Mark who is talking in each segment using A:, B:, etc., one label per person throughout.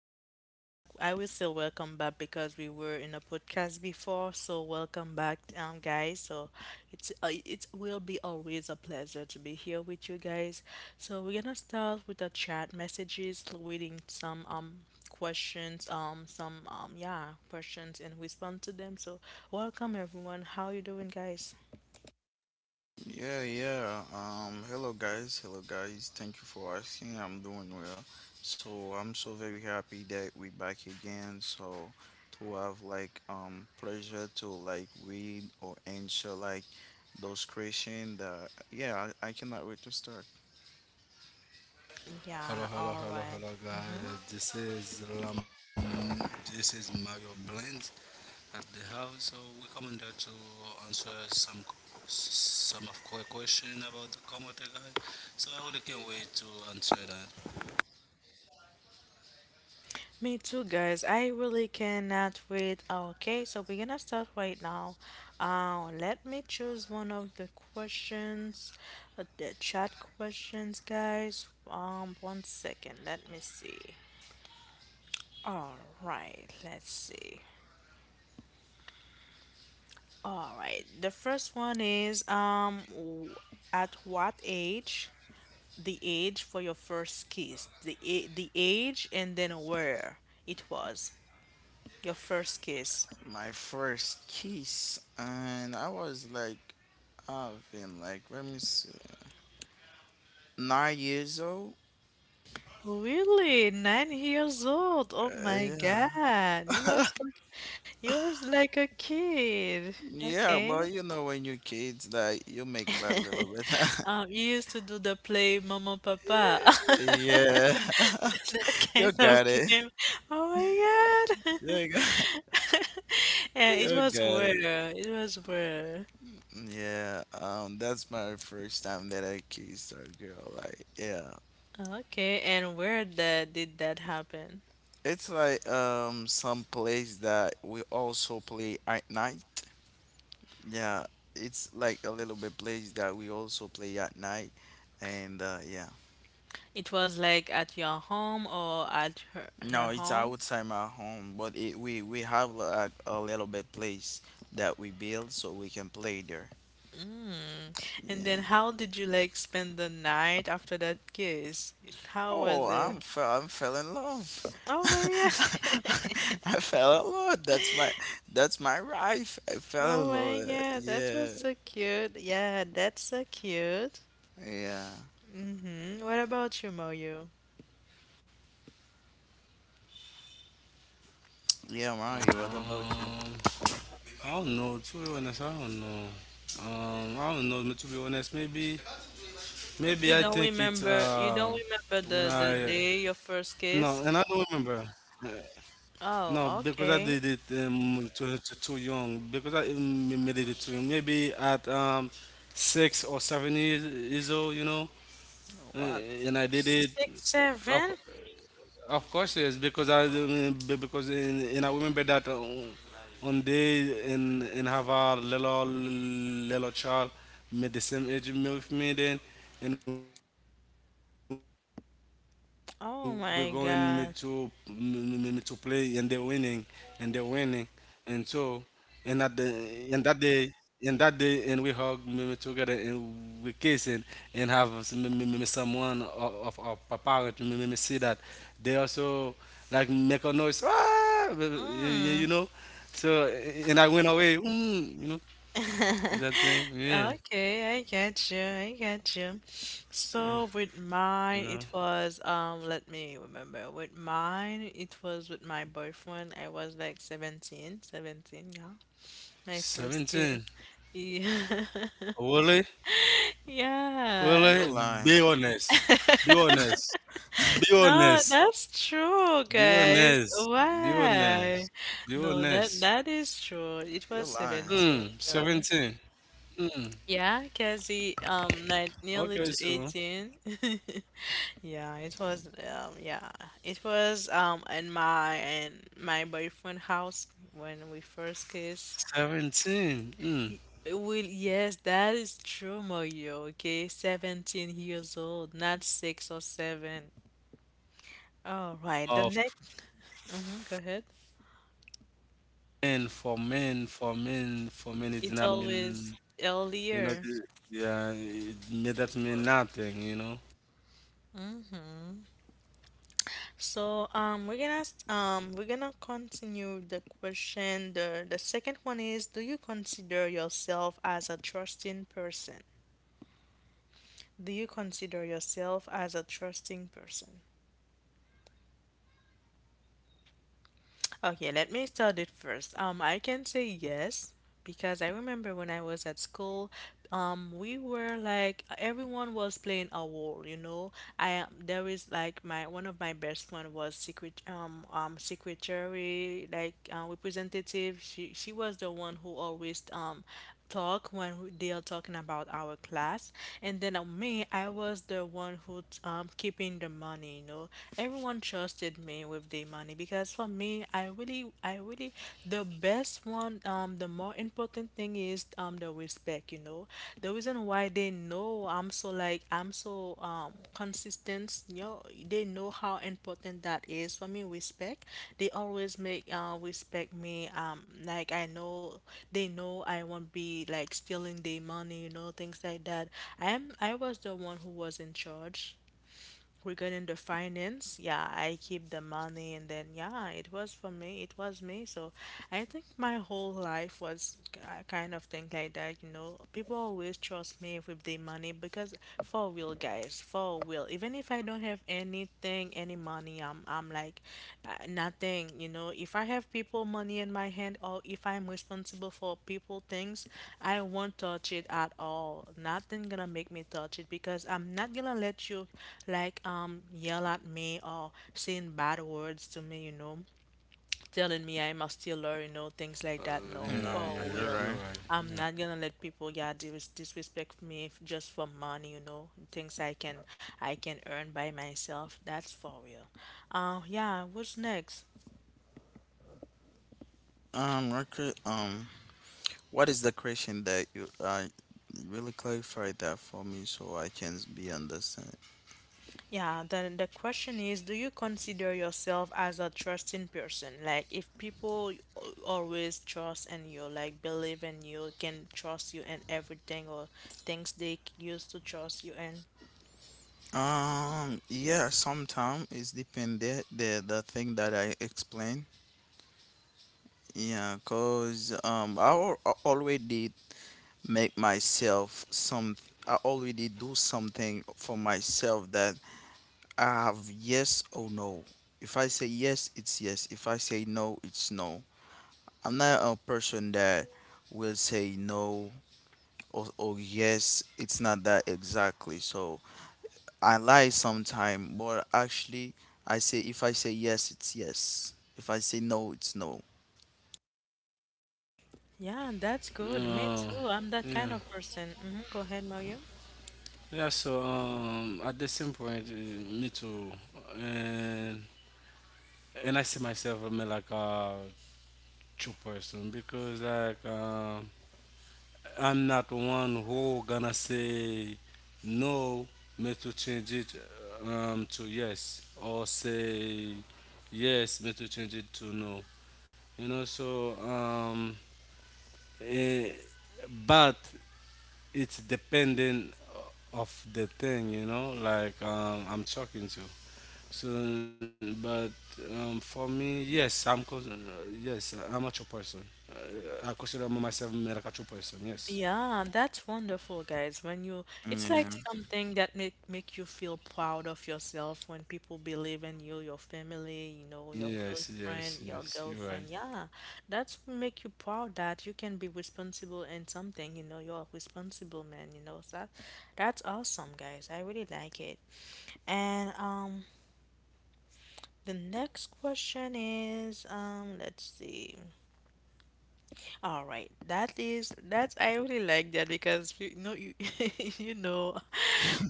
A: Welcome back. I will still welcome back because we were in a podcast before. So welcome back, guys. So it's it will be always a pleasure to be here with you guys. So we're gonna start with the chat messages, reading some questions, some yeah questions and respond to them. So welcome, everyone. How you doing, guys?
B: Yeah, yeah. Hello guys, hello guys. Thank you for asking. I'm doing well. So I'm so very happy that we back again. So to have like pleasure to like read or answer like those questions that yeah, I cannot wait to start.
A: Yeah.
C: Hello,
A: All
C: hello, hello,
A: right.
C: hello, guys.
A: Mm-hmm.
C: This is Lam. This is Mario Blend at the house. So we come in there to answer some of quick question about the Komote guys. So I really can't wait to answer that.
A: Me too, guys. I really cannot wait. Okay, so we're gonna start right now. Let me choose one of the questions, the chat questions, guys. One second. Let me see. All right, let's see. All right, the first one is at what age? The age for your first kiss. The age and then where it was your first kiss.
B: My first kiss and I was like I've been like let me see 9 years old.
A: Really? 9 years old? Oh
B: Uh,
A: my
B: yeah.
A: God. You was like a kid.
B: Yeah, well,
A: Okay.
B: you know, when you're kids, like you make that little bit.
A: You used to do the play Mama Papa.
B: Yeah,
A: That
B: you
A: kind of
B: got it.
A: game. Oh my God.
B: You got,
A: Yeah, it
B: you
A: was
B: got it.
A: where it was where.
B: Yeah, that's my first time that I kissed a girl. Like, yeah,
A: Okay, and where that did that happen?
B: it's like some place that we also play at night. Yeah, it's like a little bit place that we also play at night, and yeah.
A: It was like at your home or at her
B: No, it's
A: home?
B: outside my home, but it, we have like a little bit place that we build so we can play there.
A: Mm. And
B: Yeah.
A: then how did you like spend the night after that kiss? How was
B: Oh,
A: it?
B: I'm fell in love.
A: Oh my God.
B: I fell in love. That's my life. I fell
A: Oh
B: in love.
A: my
B: Uh,
A: God, that was
B: Yeah.
A: so cute. Yeah, that's so cute.
B: Yeah.
A: Mm-hmm. What about you, Moyo?
C: Um, I
B: Yeah,
C: don't
B: mommy,
C: know. To
B: what
C: be
B: about
C: honest, I
B: you?
C: don't know. I don't know. To be honest, maybe I think it's
A: You
C: when
A: don't
C: I
A: remember, you don't remember
C: no,
A: the
C: and I
A: the
C: don't
A: day your
C: remember.
A: first kiss?
C: No, because I did it
A: Oh, okay.
C: too young. Because I made it too young. Maybe at 6 or 7 years, years old, you know. Uh, and I
B: What?
C: did it.
A: Six, seven?
C: Of course, yes, because I because in I remember that on day in have a little little child made the same age me with me then, and we're going me to me to play and they're
A: Oh
C: winning
A: my
C: and they're
A: God.
C: winning, and so and that day and we hug me together and we kiss and have some, me someone of our parent me see that they also like make a noise ah! You know and I went away mm, you know and that thing yeah
A: Okay, I get you. I get you. So
C: you
A: with
C: know
A: mine, it was. Let me remember. With mine, it was with my boyfriend. I was like seventeen. Yeah. My first
C: 17
A: kiss. Yeah.
C: really
A: Yeah.
C: really
B: You're
C: be
B: lying.
C: honest be honest be
A: No,
C: honest
A: that's true, guys.
C: Dionys, Dionys,
A: Why? No, that
C: Dionys.
A: that is true. It
B: You're
A: was
B: lying.
A: 17,
C: Mm,
A: you know.
C: 17. Mm,
A: Yeah, Cassie, nine, nearly to
C: okay, so
A: 18. Yeah, it was, in my, and my boyfriend house when we first kissed.
C: 17.
A: Y-
C: Mm.
A: Well, yes, that is true, Mario, okay? 17 years old, not six or seven. All right, the
C: Of
A: next, mm-hmm, go ahead.
C: men, for men, it did
A: It's
C: not
A: always
C: mean, you know,
A: earlier.
C: yeah, it made that mean nothing, you know.
A: Mm-hmm. So we're gonna continue the question. The second one is, do you consider yourself as a trusting person? Do you consider yourself as a trusting person? Okay, let me start it first. I can say yes because I remember when I was at school, we were like everyone was playing a role, you know. I am there is like my one of my best friend was secretary like representative. She was the one who always talk when they are talking about our class and then me I was the one who keeping the money you know everyone trusted me with the money because for me i really the best one the more important thing is the respect you know the reason why they know I'm so like I'm so consistent you know they know how important that is for me respect they always make respect me like I know they know I won't be like stealing their money, you know, things like that. I was the one who was in charge regarding the finance. Yeah, I keep the money and then yeah, it was for me, it was me. So I think my whole life was kind of thing like that, you know. People always trust me with their money because for real guys, for real. Even if I don't have anything, any money, I'm like nothing you know if I have people money in my hand or if I'm responsible for people things I won't touch it at all nothing gonna make me touch it because I'm not gonna let you like yell at me or saying bad words to me you know telling me I'm a stealer you know things like that no
C: Yeah,
B: No,
A: for
B: you're
C: yeah,
A: real
C: you're
B: right.
C: right.
A: I'm
C: yeah.
A: not gonna let people yeah disrespect me just for money you know things I can earn by myself that's for real yeah what's next
B: Record. What is the question that you really clarify that for me so I can be understand?
A: Yeah, then the question is, do you consider yourself as a trusting person? Like, if people always trust in you, like believe in you, can trust you in everything or things they used to trust you in.
B: Yeah, sometimes it's dependent the thing that I explain. Yeah, cause I already make myself some. I already do something for myself that I have yes or no. If I say yes, it's yes. If I say no, it's no. I'm not a person that will say no. Oh, oh yes, it's not that exactly. So I lie sometime, but actually I say if I say yes, it's yes. If I say no, it's no.
A: Yeah, that's good. Me
C: Uh,
A: too. I'm
C: yeah,
A: that kind of person. Go ahead, Mario.
C: yeah. So at the same point, me too, and I see myself I mean, true person because I'm not one who gonna say no, me to change it to yes or say yes, me to change it to no. You know, so eh, but it's dependent of the thing. You know, I'm talking to. So, but for me, yes, yes, I'm a true person. I consider myself like a true person. Yes,
A: Yeah, that's wonderful, guys. When you, it's like
B: Yeah.
A: something that make you feel proud of yourself when people believe in you, your family, you know, your
C: yes,
A: close friend,
C: yes,
A: your
C: yes. You're right.
A: girlfriend. Yeah, that's make you proud that you can be responsible in something. You know, you're a responsible man. You know, so that's awesome, guys. I really like it. And the next question is let's see. All right, that is that. I really like that because you know you you know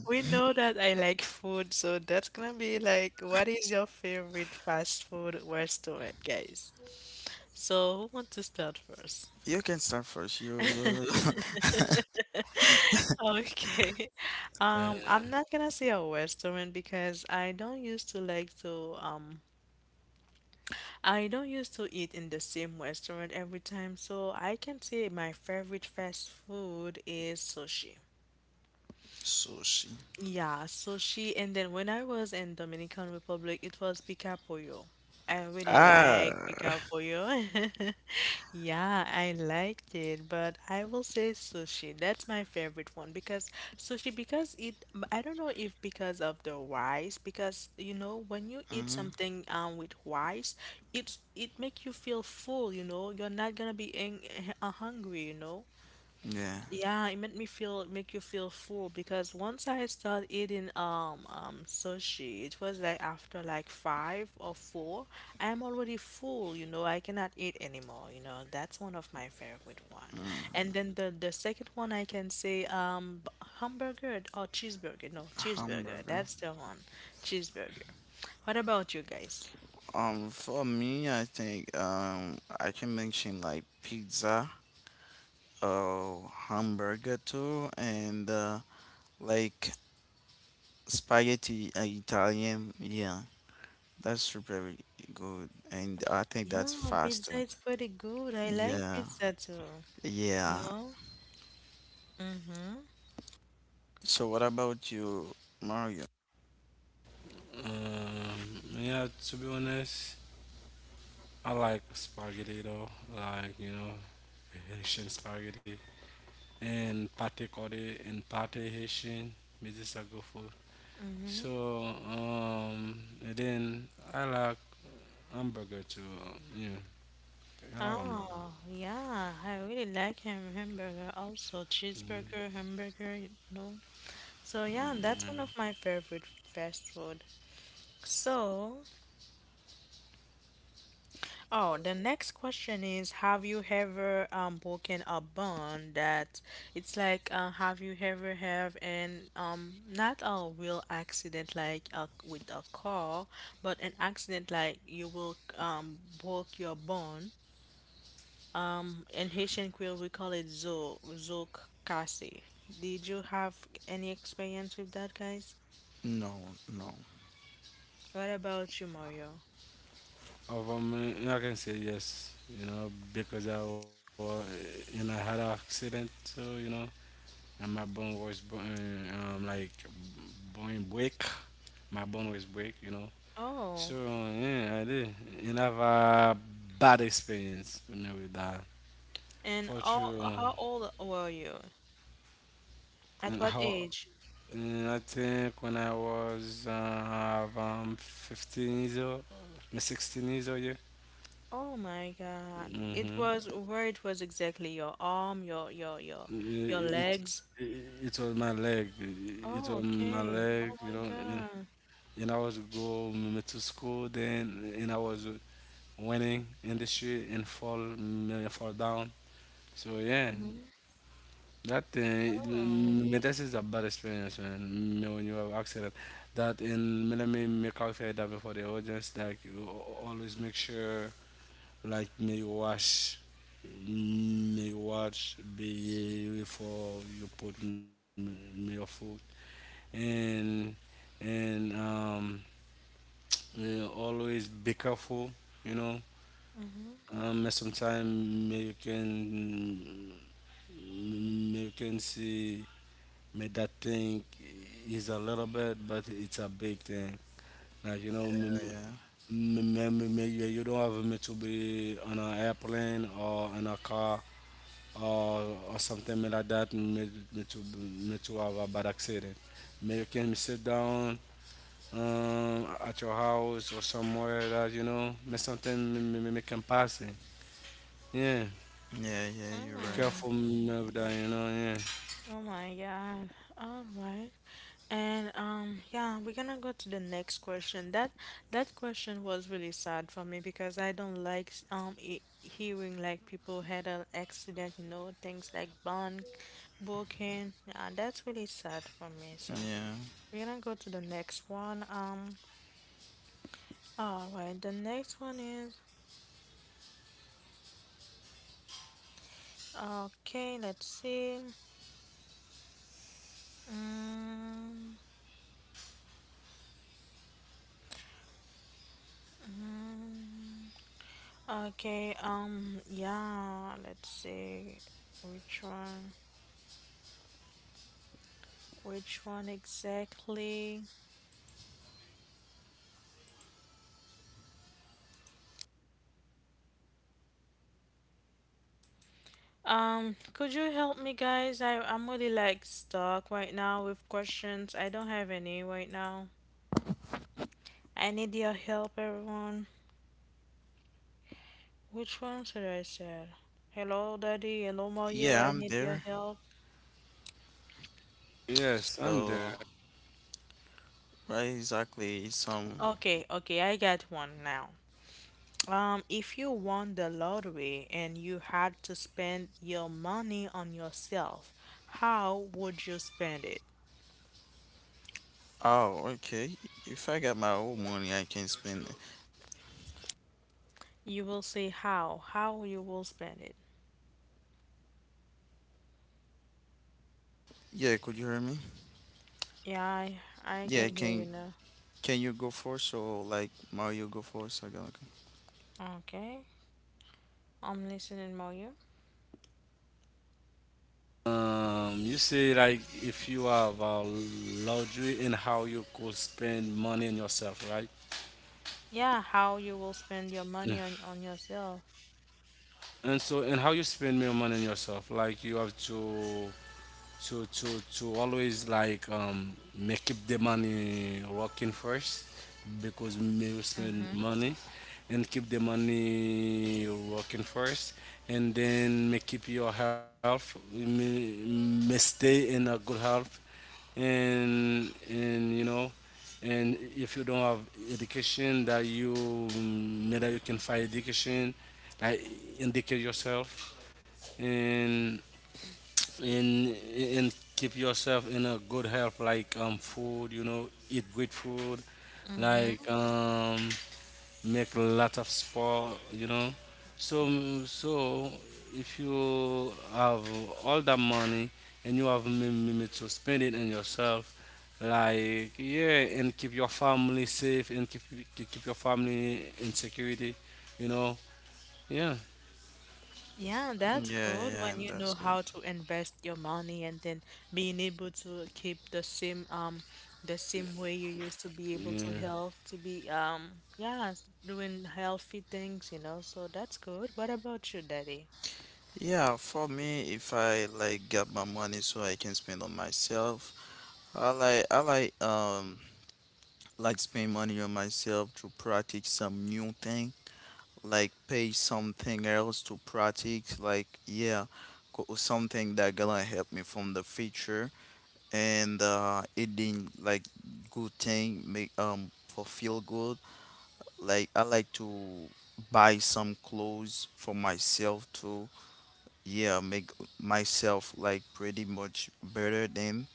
A: we know that I like food, so that's gonna be like what is your favorite fast food restaurant, guys? So who want to start first?
B: You can start first. You
A: Okay.
C: Uh,
A: I'm not gonna say a restaurant because I don't used to like to I don't used to eat in the same restaurant every time, so I can say my favorite fast food is sushi.
B: sushi.
A: Yeah, so she and then when I was in Dominican Republic, it was Pica Pollo. I really like Pica
B: Ah.
A: Pollo. Yeah, I liked it, but I will say sushi. That's my favorite one because sushi because it I don't know if because of the rice because you know when you eat
B: Hmm.
A: something with rice, it make you feel full, you know. You're not gonna be hungry, you know.
B: Yeah.
A: Yeah, it made me feel make you feel full because once I start eating sushi, it was like after like five or four, I am already full, you know, I cannot eat anymore, you know. That's one of my favorite one.
B: Mm.
A: And then the second one I can say hamburger or cheeseburger. No, cheeseburger.
B: Hamburger.
A: That's the one. Cheeseburger. What about you guys?
B: For me, I think I can mention like pizza, uh, hamburger too, and like spaghetti Italian. Yeah, that's super very good, and I think that's
A: Yeah, pizza
B: faster.
A: is pretty good. I like
B: Yeah,
A: pizza too. You
B: yeah.
A: know? Mm-hmm.
B: So what about you, Mario?
C: um, yeah, to be honest, I like spaghetti though, like you know, Haitian spaghetti and pate kore and pate Haitian. Me this a good food.
A: Mm-hmm.
C: So um, and then I like hamburger too. Yeah, I like hamburger.
A: Oh, yeah, I really like hamburger also.
C: Mm-hmm.
A: Cheeseburger, hamburger, you know. So yeah,
B: Yeah.
A: that's one of my favorite fast food. So, oh, the next question is, have you ever broken a bond that it's like have you ever have an not a real accident like a, with a car, but an accident like you will broke your bone in Haitian Creole, we call it zo zokase. Did you have any experience with that, guys?
B: No, no.
A: What about you, Mario?
C: Over me, I can say yes, you know, because I was, you know, I had an accident, so, you know, and my bone was, like, bone break. My bone was break, you know. So,
A: Oh,
C: yeah, I did. And I have a bad experience, you know, with that.
A: and
C: For
A: all,
C: true.
A: how old were you? At
C: And
A: what
C: how,
A: age?
C: and I think when I was, 15 years old, me 16 years old, yeah.
A: Oh my God! It
C: hmm
A: was where it was exactly your arm, your your
C: It
A: legs.
C: was my leg. It
A: Oh,
C: was my
A: okay. Oh
C: leg, you
A: my
C: know.
A: God.
C: And I was go m- to school then, and I was winning in the street and fall mm, fall down. So yeah,
A: Mhm.
C: that thing.
A: Oh.
C: Mm, mm, This is a bad experience, man. Mm, When you have accident, that and let me make out that before the audience. Like you always make sure like may wash may wash. Be before you put your food and and um yeah, always be careful you know
A: Mm-hmm.
C: sometimes may you can see may that thing is a little bit but it's a big thing like you know may,
B: Yeah,
C: may you you don't have me to be on an airplane or in a car or something like that me to have a bad accident. May you can sit down at your house or somewhere that you know me something me can pass it. Yeah,
B: yeah, yeah.
C: be
B: You're right.
C: careful
A: Mm.
C: me of that. You know, yeah.
A: Oh my God. All right. And yeah, we're gonna go to the next question. That that question was really sad for me because I don't like hearing like people had an accident, you know, things like bunk, broken. Yeah, that's really sad for me. So
B: Yeah,
A: we're gonna go to the next one. All right, the next one is okay. Let's see. Mm, mm, okay. Yeah. Let's see. Which one? Which one exactly? Could you help me, guys? I'm really like stuck right now with questions. I don't have any right now. I need your help, everyone. Which one should I say? Hello, Daddy. Hello, Mario.
B: yeah.
A: I
B: I'm
A: need your
B: there.
A: help.
B: So
C: Yes, I'm there.
B: right, exactly. Some.
A: Okay, I got one now. If you won the lottery and you had to spend your money on yourself, how would you spend it?
B: Oh, okay. If I got my own money, I can spend it.
A: You will say how. How you will spend it.
B: Yeah, could you hear me?
A: Yeah, I, I
B: Yeah,
A: can hear you now.
B: can you go first or like Mario go first? I got.
A: Okay, I'm listening, Mario.
C: You see, like if you have a luxury in how you could spend money on yourself, right?
A: Yeah, Yeah, how you will spend your
C: Yeah.
A: money on yourself.
C: And so, and how you spend your money on yourself? Like you have to to to to always make keep the money working first because me will spend
A: Mm-hmm,
C: money and keep the money working first and then make keep your health may stay in a good health and you know and if you don't have education that you mm, maybe you can find education like educate yourself and and keep yourself in a good health like food you know eat good food like
A: mm-hmm.
C: make a lot of sport you know so mm, so if you have all that money and you have limit to spend it on yourself like yeah and keep your family safe and keep your family in security you know yeah
A: Yeah, that's
B: Yeah,
A: good
B: yeah.
A: when you know
B: That's good.
A: how to invest your money and then being able to keep the same way you used to be able
C: yeah
A: to help to be yeah doing healthy things, you know. So that's good. What about you, Daddy?
B: Yeah, for me, if I like get my money so I can spend on myself, I like spend money on myself to practice some new thing, like pay something else to practice, like yeah, something that gonna help me from the future and it didn't like good thing make for feel good. Like I like to buy some clothes for myself too yeah make myself like pretty much better than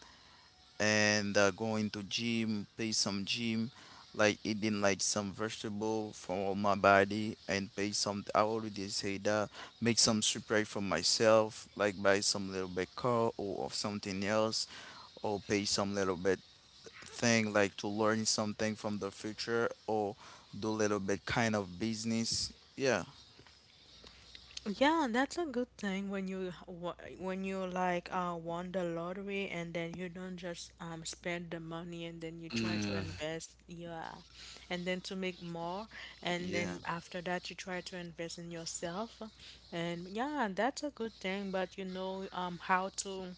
B: and going to gym pay some gym like eating like some vegetable for my body and pay some I already say that make some surprise for myself like buy some little bit car or something else or pay some little bit thing like to learn something from the future or do little bit kind of business yeah
A: Yeah, that's a good thing when you when you like won the lottery and then you don't just spend the money and then you try to
C: yeah
A: invest, yeah, and then to make more and
B: yeah.
A: then after that you try to invest in yourself, and yeah, that's a good thing. But you know how to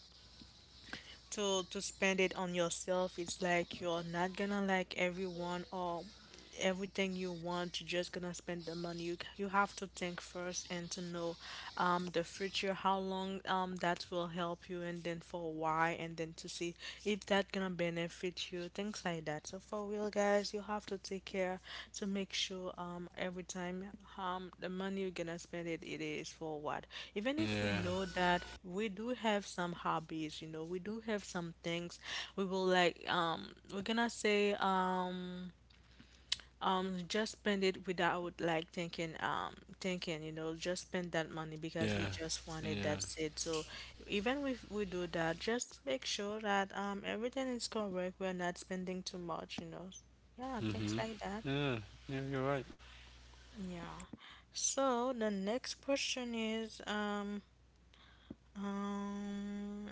A: to spend it on yourself. It's like you're not gonna like everyone or everything you want, you're just gonna spend the money. You have to think first and to know the future, how long that will help you, and then for why, and then to see if that gonna benefit you, things like that. So for real, guys, you have to take care to make sure every time the money you're gonna spend it, it is for what. Even if we
C: yeah
A: know that we do have some hobbies, you know, we do have some things we will like we're gonna say just spend it without like thinking, thinking, you know, just spend that money
C: yeah,
A: because we just want
C: yeah.
A: it, that's it. So even if we do that, just make sure that everything is correct. We're not spending too much, you know. Yeah,
C: Mm-hmm.
A: things like that.
C: Yeah, yeah, you're right.
A: Yeah. So the next question is, um,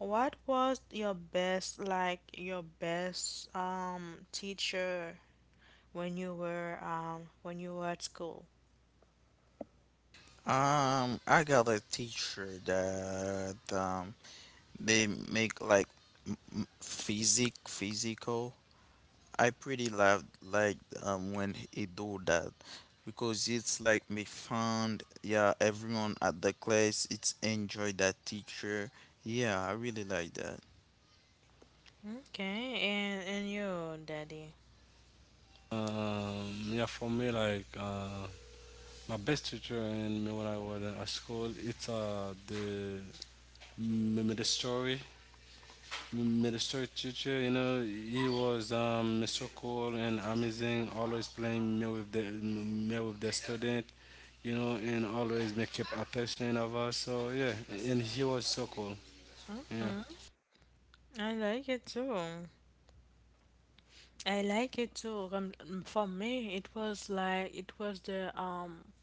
A: what was your best, like your best teacher when you were at school?
B: I got a teacher that they make like physic physical. I pretty love like when he do that because it's like me found yeah everyone at the class it's enjoy that teacher. Yeah, I really like that.
A: Okay, and you, Daddy.
C: Yeah, for me, my best teacher in me when I was at school, it's the m- ministry, ministry teacher. You know, he was so cool and amazing, always playing me with the student. You know, and always make keep attention of us. So yeah, and he was so cool. yeah.
A: Hmm. I like it too. I like it too. For me, it was like it was the um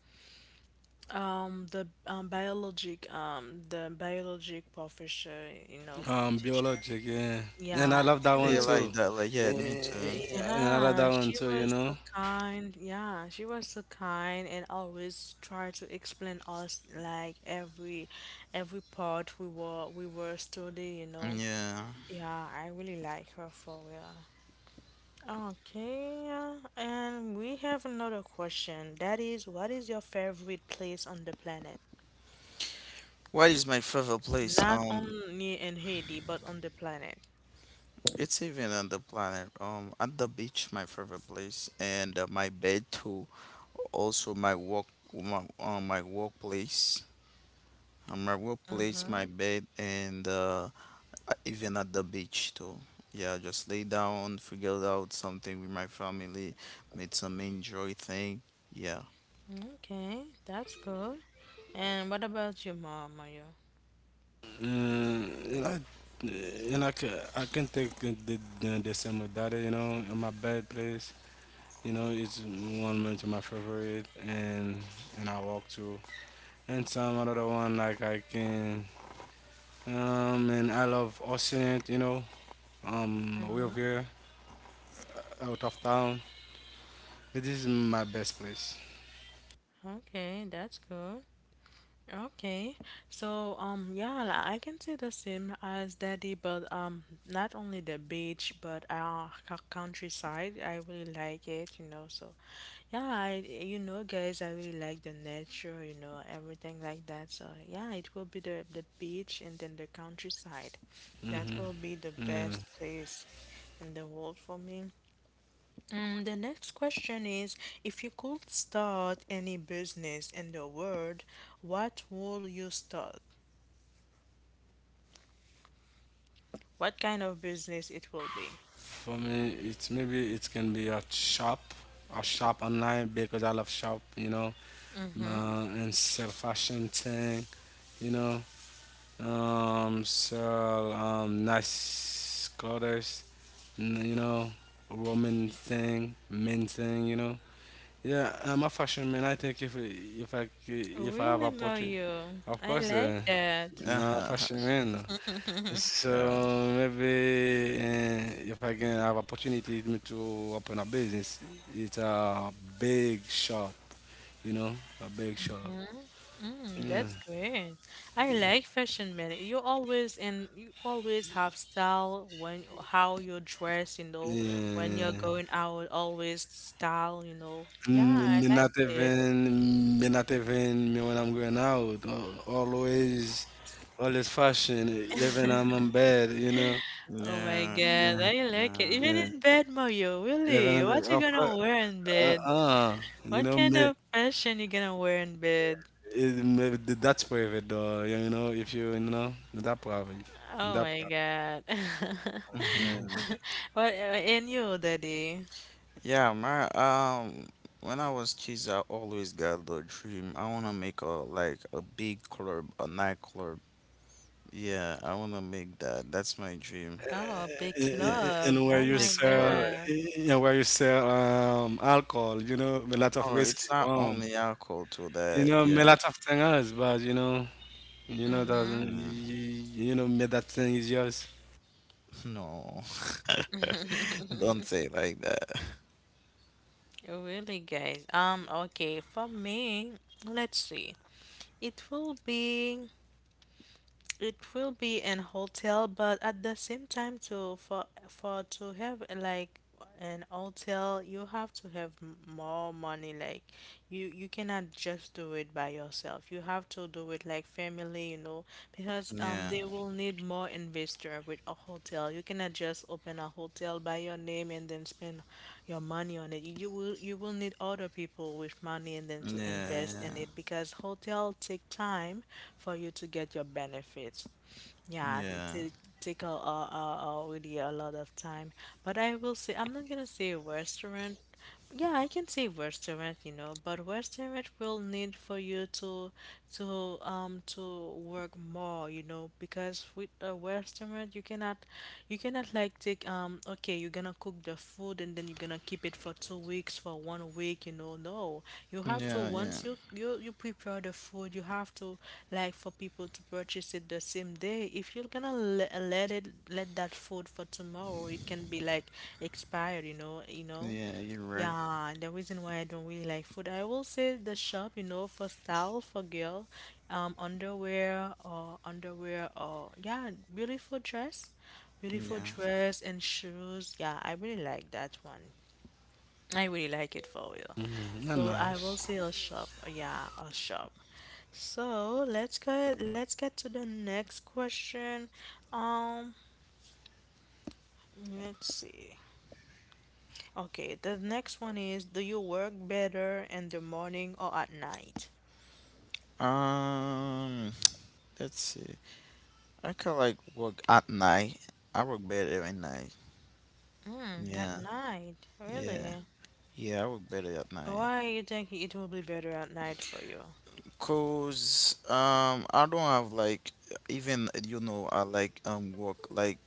A: um the um biologic the biologic professor, you know, teacher.
C: Biologic, yeah. And I
A: Yeah,
C: love that
A: she
C: one
B: Yeah,
A: was.
B: like
C: too.
B: that. Like yeah, me too.
C: Eh, And I love
A: Yeah,
C: that one
A: she
C: too, you
A: was so
C: know.
A: kind. Yeah, she was so kind and always tried to explain us like every part we were studying, you know.
B: Yeah.
A: Yeah, I really like her for real. Okay, and we have another question. That is, what is your favorite place on the planet?
B: What is my favorite place?
A: Not
B: Um,
A: only in Haiti, but on the planet.
B: it's even on the planet. At the beach, my favorite place, and my bed too. Also my work my, my workplace on my workplace
A: Mm-hmm.
B: my bed and even at the beach too yeah just lay down figured out something with my family made some enjoy thing yeah.
A: Okay, that's good. And what about your mom, Mario?
C: Mm, and I can take the same with that, you know, in my bed place. You know, it's one much of my favorite and I walk to. And some other one like I can and I love Ocean, you know, we're
A: Mhm.
C: here out of town. This is my best place.
A: Okay, that's good. Okay, so yeah, li- I can say the same as Daddy, but not only the beach but our c- countryside. I really like it, you know. So yeah, I you know guys, I really like the nature, you know, everything like that. So yeah, it will be the beach and then the countryside. That
C: Mm-hmm.
A: will be the
C: Yeah.
A: best place in the world for me. And the next question is, if you could start any business in the world, what would you start? What kind of business it will be?
C: For me, it's maybe it can be a shop online because I love shop, you know, and sell fashion thing, you know, sell nice clothes, you know, woman thing, men thing, you know. Yeah, I'm a fashion man. I think if if I have
A: Really,
C: a portrait,
A: Mario,
C: of
A: I
C: course,
A: like that.
C: I'm
B: Yeah
C: a fashion man. So
B: yeah
C: maybe if I can have opportunity to open a business, it's a big shop, you know, a big shop.
A: Mm-mm,
C: Yeah,
A: that's great. I like fashion, man. You always and you always have style when how you dress, you know, when you're
C: yeah.
A: going out, always style, you know. Yeah, I
C: Me
A: like
C: not
A: it.
C: even, me when I'm going out. Always, always fashion. Even I'm in bed, you know.
A: Oh my
C: Yeah,
A: God, I like it.
B: yeah
A: Even
C: yeah.
A: in bed, Mario,
C: Even
A: really? What
C: I'm-
A: you
C: of course,
A: gonna wear in
C: uh,
A: bed?
C: uh, you
A: What
C: know,
A: kind
C: me
A: of fashion you gonna wear in bed?
C: Eh, maybe that's private though, you know, if you, you know, that private,
A: Oh
C: that
A: my
C: private.
A: God.
C: Yeah.
B: hmm
A: What in you, Daddy?
B: yeah my when I was kids I always got the dream I wanna make a like a big club a nightclub yeah I wanna make that that's my dream.
A: Oh, big
B: Yeah,
A: club.
C: And
B: a
C: where
A: Oh
C: you
B: big
A: my
C: sell,
B: curve.
A: God.
C: and where you sell alcohol, you know, a lot of
B: Oh,
C: whiskey,
B: it's not
C: wow.
B: only alcohol to
C: You
B: that.
C: know, a
B: Yeah.
C: lot of things else, but you know, you know that,
A: Mm-hmm.
B: Yeah.
C: you, you know, me that thing is yours.
B: No. Don't say it like that.
A: Really, guys. Okay, for me, let's see. It will be. It will be an hotel, but at the same time too, for to have like an hotel, you have to have m- more money. Like you cannot just do it by yourself. You have to do it like family, you know, because
B: Yeah.
A: they will need more investor with a hotel. You cannot just open a hotel by your name and then spend your money on it. You will need other people with money and then to invest in
B: Yeah.
A: it because hotel take time for you to get your benefits.
B: Yeah.
A: Yeah, it
B: Yeah.
A: take take a really a lot of time. But I will say I'm not gonna say a restaurant, yeah, I can say restaurant, you know, but restaurant will need for you to to work more, you know, because with a restaurant you cannot like take okay, you're gonna cook the food and then you're gonna keep it for 2 weeks, for 1 week, you know. No. You have to
B: Yeah. Yeah.
A: once you prepare the food, you have to like for people to purchase it the same day. If you're gonna le- let it let that food for tomorrow, it can be like expired, you know, you know.
B: Yeah. You're right.
A: Yeah, and the reason why I don't really like food, I will say the shop, you know, for style for girl, underwear or underwear or yeah, beautiful
B: Yeah.
A: dress and shoes. Yeah, I really like that one. I really like it for real.
C: Mhm, not
A: So I will
C: nice.
A: say a shop. Yeah, a shop. So let's go. Let's get to the next question. Um, let's see. Okay, the next one is, do you work better in the morning or at night?
B: Um. Let's see. I can like work at night. I work better at night.
A: Mm, at
B: Yeah.
A: night,
B: Yeah.
A: really?
B: Yeah. I work better at night.
A: Why you think it will be better at night for you?
B: Cause I don't have like even you know I like work like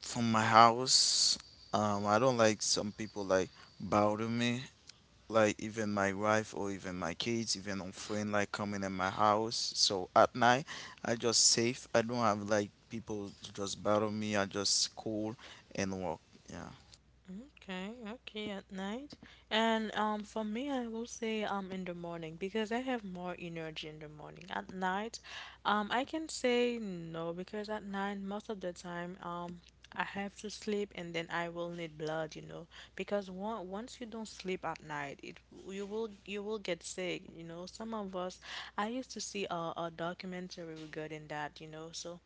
B: from my house. I don't like some people like bother me, like even my wife or even my kids, even on friend like coming in my house. So at night, I just safe. I don't have like people to just bother me. I just cool and walk. Yeah.
A: Okay, okay, at night. And for me I will say in the morning because I have more energy in the morning. At night, I can say no because at night most of the time I have to sleep and then I will need blood, you know, because one, once you don't sleep at night, it you will get sick, you know. Some of us I used to see a documentary regarding that, you know. So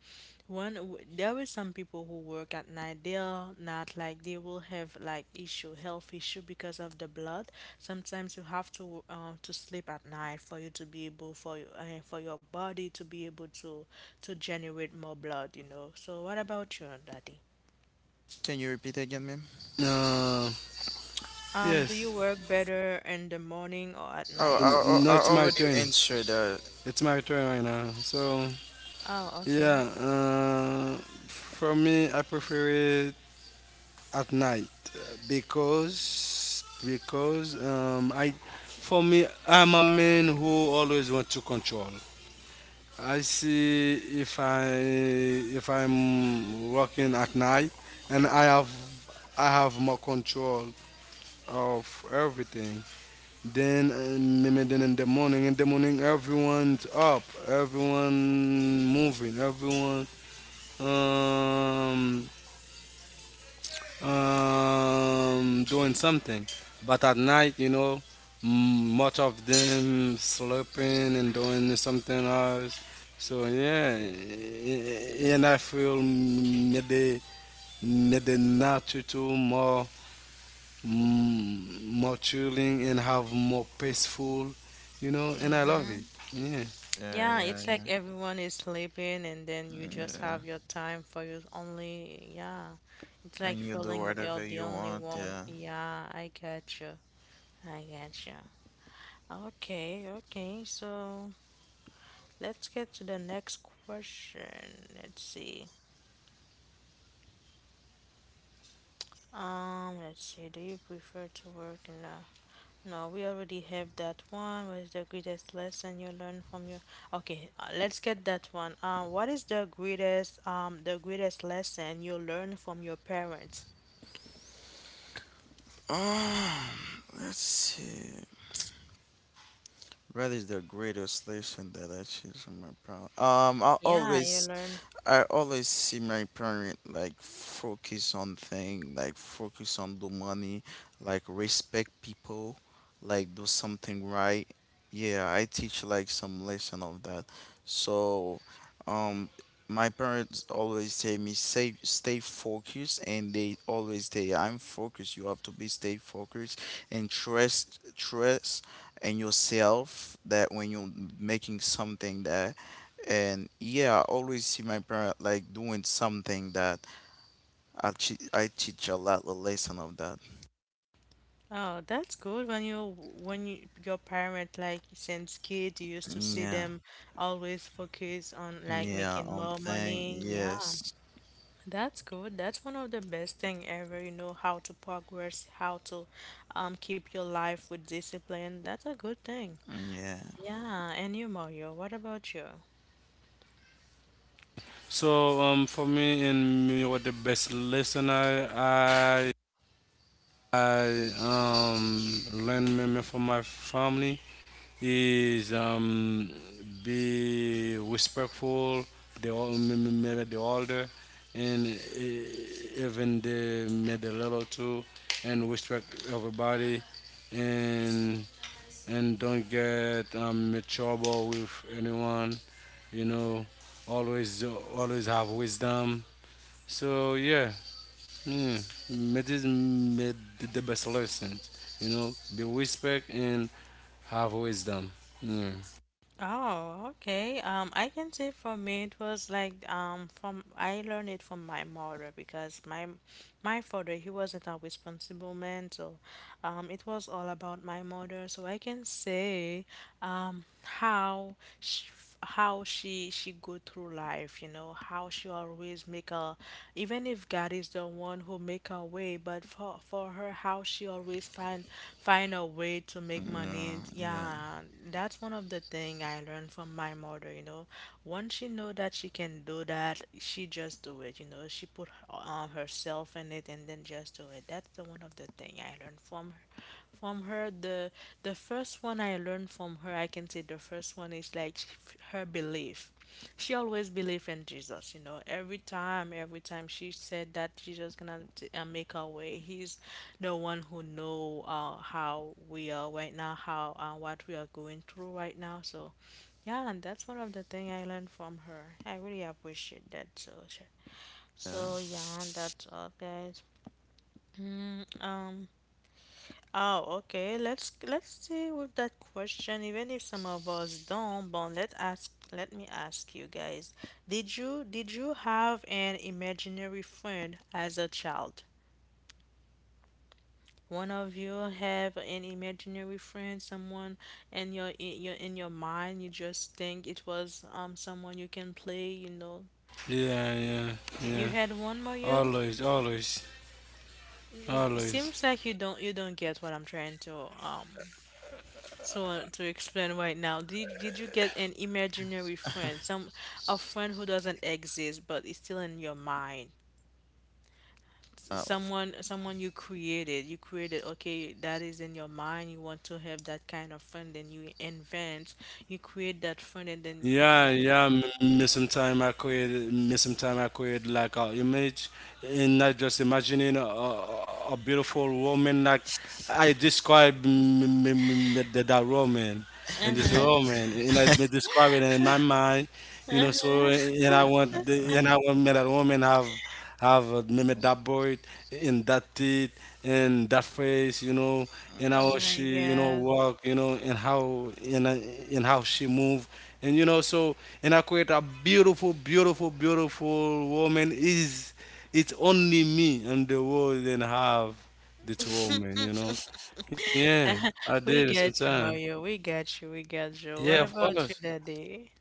A: one, w- there is some people who work at night. They are not like they will have like issue, health issue because of the blood. Sometimes you have to sleep at night for you to be able for you for your body to be able to generate more blood. You know. So what about you, Daddy?
B: Can you repeat again, ma'am?
C: Uh,
A: Do you work
C: yes.
A: better in the morning or at night?
B: Oh,
C: N-
B: I,
C: No,
B: I, I
C: it's my
B: already
C: turn.
B: answered that.
C: It's my turn right now. So
A: Oh, okay.
C: yeah, for me, I prefer it. At night because I for me I'm a man who always want to control. I see if I if I'm working at night and I have more control of everything. Then maybe then in the morning everyone's up, everyone moving, everyone um doing something. But at night, you know, much of them sleeping and doing something else. So yeah, and I feel maybe nature too more mm, more chilling and have more peaceful, you know. And I love it. Yeah.
B: Yeah,
A: Yeah,
B: yeah,
A: it's like
B: yeah,
A: everyone is sleeping and then you just
B: yeah.
A: have your time for your only, yeah. It's like
B: And you do
A: feeling you're
B: whatever
A: the
B: you
A: only
B: want.
A: one.
B: Yeah.
A: Yeah, I get you. I get you. Okay, okay. So let's get to the next question. Let's see. Let's see. Do you prefer to work in a— No, we already have that one. What is the greatest lesson you learned from your— Okay, let's get that one. What is the greatest lesson you learned from your parents?
B: Let's see. What is the greatest lesson that I achieved from my problem.
A: Yeah, you learn.
B: I always see my parent like focus on thing, like focus on the money, like respect people, like do something right. Yeah, I teach like some lesson of that. So, um, my parents always tell me stay focused, and they always say I'm focused. You have to be stay focused and trust in yourself that when you're making something that and yeah, I always see my parent like doing something that I teach a lot the lesson of that.
A: Oh, that's good. When you your parent like since kid, you used to see
B: Yeah,
A: them always focus on like
B: yeah,
A: making
B: on
A: more
B: thing,
A: money. Yeah,
B: yes,
A: that's good. That's one of the best thing ever. You know how to progress, how to keep your life with discipline. That's a good thing.
B: yeah,
A: Yeah, and you, Mario, what about you?
C: So for me and me, what the best listener I learn meme from my family is be respectful. The old, the older, and eh, even the me the little too, and respect everybody, and don't get in trouble with anyone. You know, always always have wisdom. So yeah. Yeah, medicine made the best lesson. You know, be respect and have wisdom. Yeah,
A: Oh, okay. I can say for me it was like from I learned it from my mother because my father he wasn't a responsible man, so it was all about my mother. So I can say how she, how she go through life, you know, how she always make a, even if God is the one who make a way, but for her, how she always find find a way to make
B: no,
A: money.
B: yeah.
A: Yeah, that's one of the thing I learned from my mother. You know, once she know that she can do that, she just do it. You know, she put herself in it and then just do it. That's the one of the thing I learned from her from her the the first one I learned from her, I can say the first one is like sh- her belief. She always believed in Jesus, you know. Every time she said that Jesus gonna t- make our way. He's the one who know how we are right now, how what we are going through right now. So, yeah, and that's one of the thing I learned from her. I really appreciate that. So, sh- so yeah, that's all, guys. Mm, um, Oh, okay. Let's see with that question, even if some of us don't, but let ask, let me ask you guys. Did you have an imaginary friend as a child? One of you have an imaginary friend, someone in your in your mind you just think it was someone you can play, you know.
C: yeah, yeah, yeah.
A: You had one, Mario?
C: Always, always,
A: You, it
C: always.
A: seems like you don't get what I'm trying to So to explain right now, did you get an imaginary friend, some a friend who doesn't exist but is still in your mind? S-
B: Uh,
A: Someone you created, okay, that is in your mind, you want to have that kind of friend, then you invent, you create that friend and then
C: Yeah,
A: yeah.
C: yeah. Me sometime I create, me sometime I create like a image, and not just imagining a beautiful woman. Like I describe the, that woman and this
A: Uh-huh.
C: woman, and I be describing it in my mind, you know. So and I
A: Uh-huh.
C: want the, and I want me that woman have meme that boy in that teeth and that face, you know, and
A: Oh
C: how
A: my
C: she, you know,
A: God.
C: walk, you know, and how she move, and you know, so and I create a beautiful woman. Is it's only me in the world and have this woman, you know? Yeah, I did
A: We get you,
C: sometimes.
A: Mario. We get you. We get you.
C: Yeah,
A: What
C: of
A: about you,
C: course.
A: Daddy?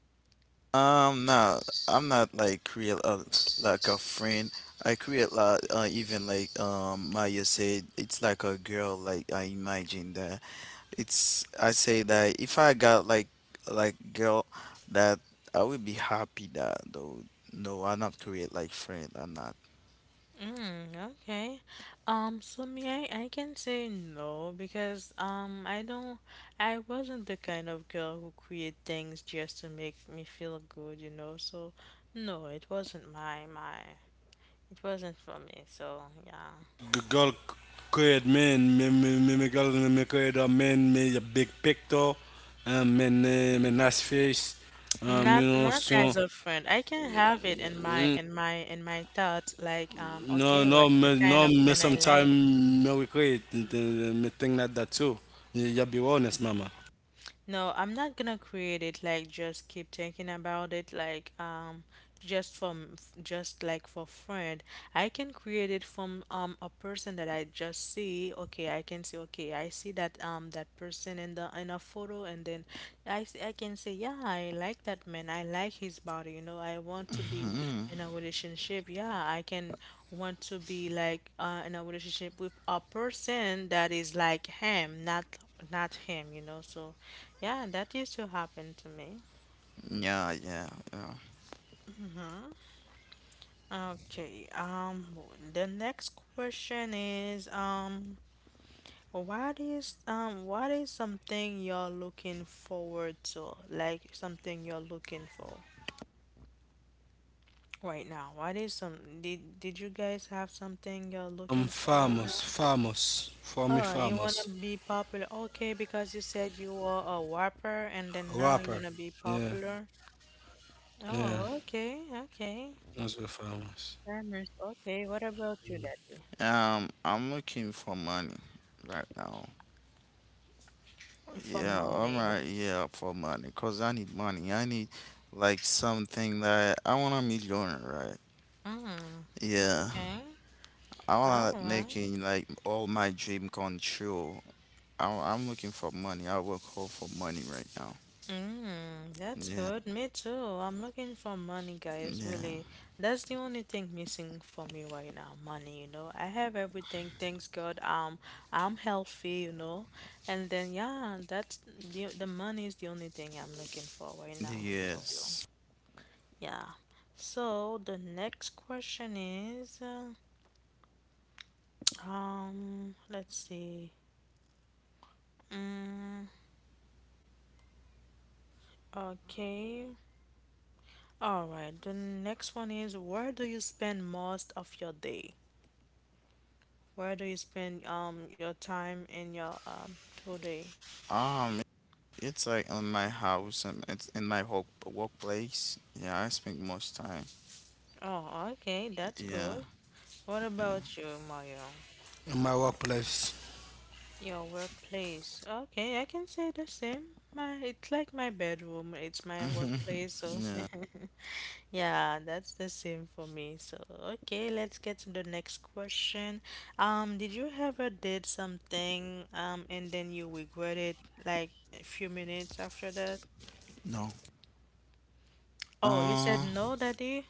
B: No, I'm not like create a like a friend. I create like even like Maya said, it's like a girl. Like I imagine that. It's I say that if I got like girl that I would be happy that though no I'm not create like friend I'm not.
A: Mm, okay. So me, I can say no because I don't, I wasn't the kind of girl who create things just to make me feel good, you know. So, no, it wasn't it wasn't for me. So yeah,
C: Girl create men, me me me me girl me create a man me a big picture, me nice face,
A: not
C: you know so
A: as a friend. I can have it in my
C: mm,
A: in my thoughts, like
C: no
A: okay, what
C: no
A: the
C: me
A: kind
C: no
A: of
C: me
A: men I
C: sometime
A: like—
C: me we create me think like that too. You be honest, mama.
A: No, I'm not gonna create it like just keep thinking about it like just from f- just like for friend. I can create it from a person that I just see. Okay, I can say okay, I see that that person in the in a photo and then I can say yeah, I like that man. I like his body, I want to be
B: Hmm.
A: in a relationship. Yeah, I can want to be like in a relationship with a person that is like him, not him, So yeah, that used to happen to me.
B: Yeah, yeah, yeah.
A: Hmm. Okay. The next question is what is what is something you're looking forward to? Like something you're looking for right now. What is some? Did you guys have something you're
C: I'm
A: looking for right
C: famous,
A: now?
C: for me
A: Oh, you wanna
C: famous
A: be popular? Okay, because you said you were a whopper, and
C: rapper.
A: then now you wanna
C: Yeah,
A: be popular.
C: yeah,
A: Oh, okay, okay.
C: that's very famous.
A: Farmers. Okay, what about you, Daddy?
B: I'm looking for money right now.
A: For
B: Yeah, all
A: money.
B: right, yeah, for money, cause I need money. I need like something that I want a millionaire, right?
A: Mm.
B: Yeah,
A: Okay.
B: I
A: All
B: want like
A: right.
B: making like all my dream come true. I'm looking for money. I work hard for money right now.
A: Mm, that's
B: Yeah.
A: good. Me too. I'm looking for money, guys.
B: Yeah.
A: Really, that's the only thing missing for me right now. Money, you know. I have everything. Thanks God. I'm healthy, you know. And then yeah, that's the money is the only thing I'm looking for right now. For real.
B: Yes.
A: Yeah. So the next question is, let's see. Mm, okay. All right, the next one is, where do you spend most of your day? Where do you spend your time in your today?
B: Um, it's like in my house and it's in my whole workplace. Yeah, I spend most time.
A: Oh, okay, that's
B: Yeah.
A: good. What about you, Mario?
C: In my workplace.
A: Your workplace. Okay, I can say the same. My, it's like my bedroom, it's my workplace, so
B: Yeah.
A: yeah, that's the same for me. So, okay, let's get to the next question. Did you ever did something and then you regret it like a few minutes after that?
B: No.
A: Oh, you said
B: Uh,
A: no, Daddy?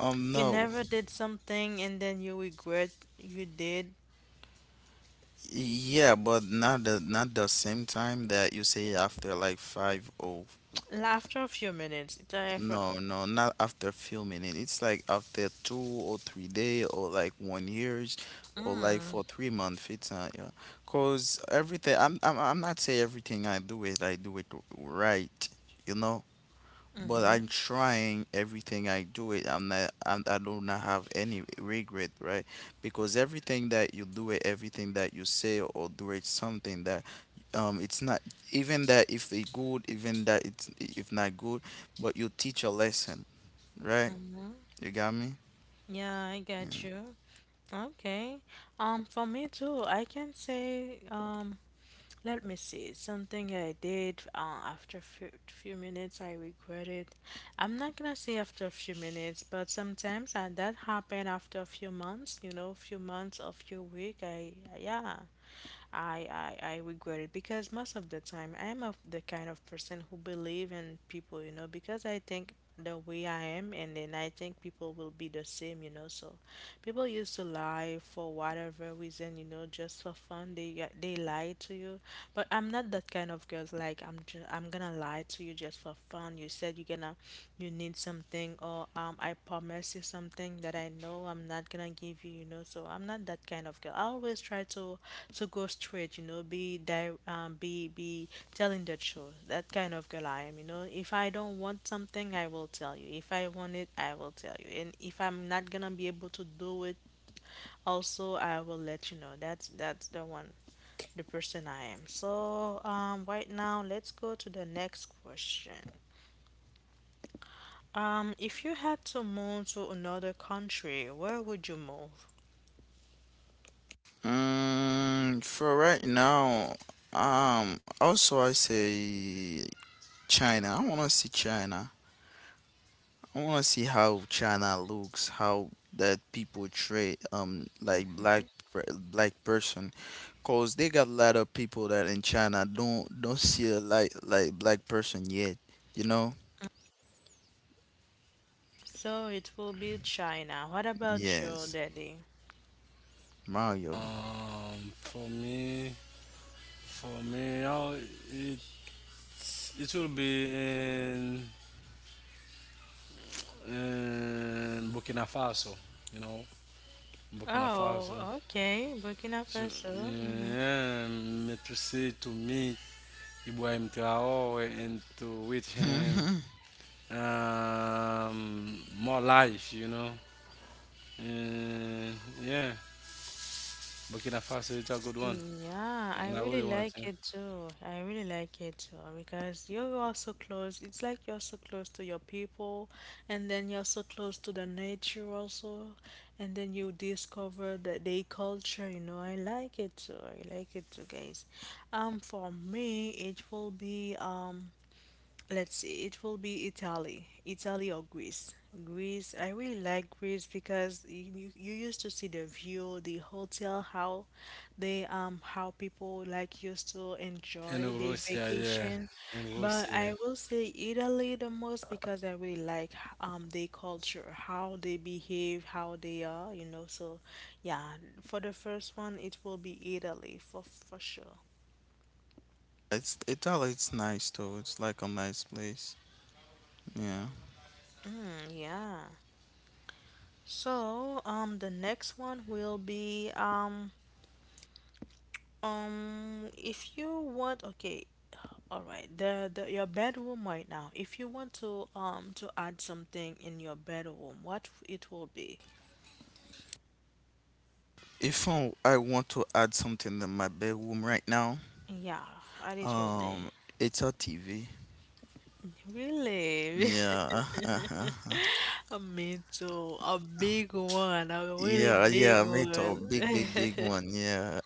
A: You
B: no.
A: never did something and then you regret you did
B: Yeah, but not the not the same time that you say after like five or
A: after a few minutes. It's like for
B: no, no, not after filming it. It's like after 2 or 3 day or like one years or like
A: mm,
B: for 3 months. It's not, yeah. Cause everything, I'm not say everything I do it right. You know, but
A: mm-hmm,
B: I'm trying everything I do it. I'm not. I'm, I do not have any regret, right? Because everything that you do it, everything that you say or do it, something that, it's not even that if it good, even that it's if not good, but you teach a lesson, right?
A: mm-hmm.
B: You got me.
A: Yeah, I get you. Okay. For me too, I can say um. Let me see. Something I did after few, few minutes, I regret it. I'm not gonna say after a few minutes, but sometimes that happened after a few months. You know, few months or few week. I yeah. I, I regret it because most of the time I am of the kind of person who believe in people, you know, because I think the way I am and then I think people will be the same, you know. So people used to lie for whatever reason, you know, just for fun. They yeah, they lie to you. But I'm not that kind of girl like I'm gonna lie to you just for fun. You said you're gonna you need something or I promise you something that I know I'm not gonna give you, you know. So I'm not that kind of girl. I always try to go straight, you know, be telling the truth. That kind of girl I am, you know. If I don't want something, I will tell you. If I want it, I will tell you. And if I'm not gonna be able to do it, also I will let you know. That's the one, the person I am. So right now let's go to the next question. If you had to move to another country, where would you move?
B: Mm, for right now, also I say China. I wanna see China. I want to see how China looks, how that people treat like black person, cause they got a lot of people that in China don't see a like black person yet, you know?
A: So it will be China. What about you,
B: Yes,
A: Daddy?
B: Mario.
C: Um, for me, for me, I, it it will be in Burkina Faso, you know, Burkina Faso.
A: Oh, okay. Burkina
C: So,
A: Faso. Mm-hmm.
C: yeah, me to see to meet Ibrahim Traore and to with him
B: Mhm.
C: more life, you know. And yeah, Burkina Faso is a good one,
A: Yeah, I
C: and I really
A: really
C: want
A: like
C: to.
A: it too. I really like it too because you're also close. It's like you're so close to your people, and then you're so close to the nature also, and then you discover that they culture. You know, I like it too. I like it too, guys. For me, it will be. Let's see, it will be Italy or Greece. Greece, I really like Greece because you used to see the view, the hotel, how they how people like used to enjoy
C: And
A: their
C: Russia, yeah,
A: vacation.
C: and
A: But I
C: Russia.
A: will say Italy the most because I really like their culture, how they behave, how they are, you know. So yeah, for the first one, it will be Italy for sure.
B: It's Italy. It's nice though. It's like a nice place. Yeah.
A: Mm, yeah. So, the next one will be if you want, okay, all right, the your bedroom right now. If you want to add something in your bedroom, what it will be?
B: If I, I want to add something in my bedroom right now,
A: Yeah, and it will be.
B: um, it's a TV.
A: Really?
B: Yeah.
A: I mean, too, a big one, a really
B: Yeah, yeah,
A: big
B: me too.
A: one.
B: Big, big, big one. Yeah,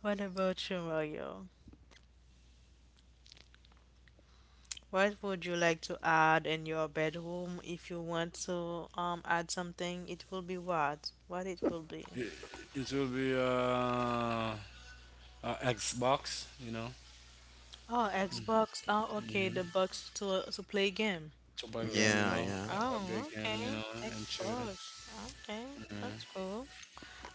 A: What about you, Mario? What would you like to add in your bedroom if you want to add something? It will be what? What it will be?
C: It, it will be Xbox, you know.
A: Oh, Xbox. Oh, okay,
C: Mhm.
A: the box to play game.
C: To buy game, you
B: yeah,
C: know,
B: yeah,
C: a big
A: Oh,
C: game, you
A: okay.
C: know, and chill.
A: Xbox. Okay,
C: Yeah.
A: that's cool.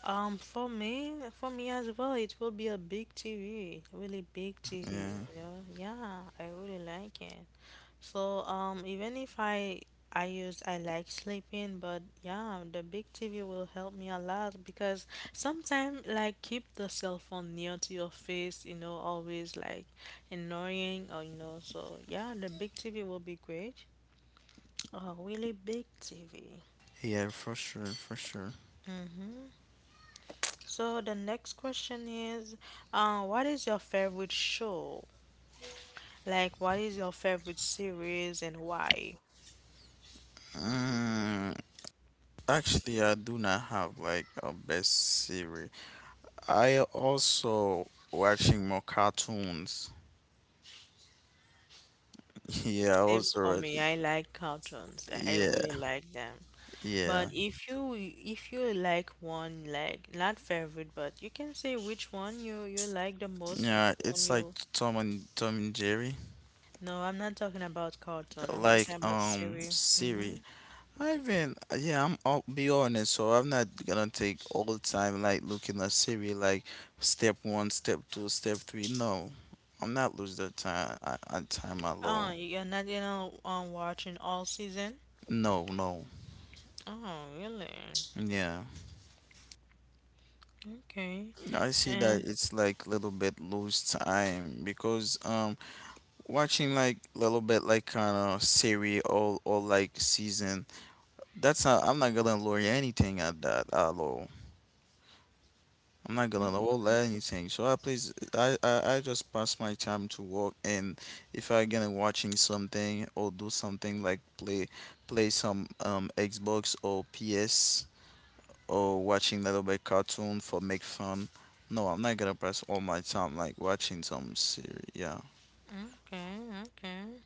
A: For me, as well, it will be a big TV, really big TV,
B: yeah,
A: you know. Yeah, I really like it. So, even if I like sleeping, but yeah, the big TV will help me a lot because sometimes like keep the cell phone near to your face, you know, always like annoying or you know. So yeah, the big TV will be great. A really big TV.
B: yeah, for sure, for sure.
A: So the next question is, what is your favorite show? Like, what is your favorite series, and why?
B: Mm, actually, I do not have like a best series. I also watching more cartoons. Yeah, I
A: Same for
B: also watch.
A: me. I like cartoons. I
B: Yeah,
A: really like them. But
B: yeah,
A: if you like one, like not favorite, but you can say which one you like the most.
B: yeah.
A: When
B: It's like
A: you
B: Tom and Jerry,
A: no, I'm not talking about cartoon. I'm
B: like
A: talking about series. Mm-hmm.
B: Siri. I haven't. Yeah, I'm. I'll be honest. So I'm not gonna take all the time like looking at Siri like step one, step two, step three. No, I'm not losing the time. I time
A: Oh,
B: alone.
A: you're not watching all season.
B: No, no.
A: Oh, really?
B: Yeah,
A: Okay.
B: I see that
A: And
B: it's like little bit lose time because watching like little bit like kind of Siri or like season. That's not. I'm not gonna learn anything at that at all. I'm not gonna
A: mhm.
B: hold anything. So I please, I just pass my time to work, and if I gonna watching something or do something like play some Xbox or PS or watching little bit cartoon for make fun. No, I'm not gonna pass all my time like watching some series. Yeah.
A: Okay, okay.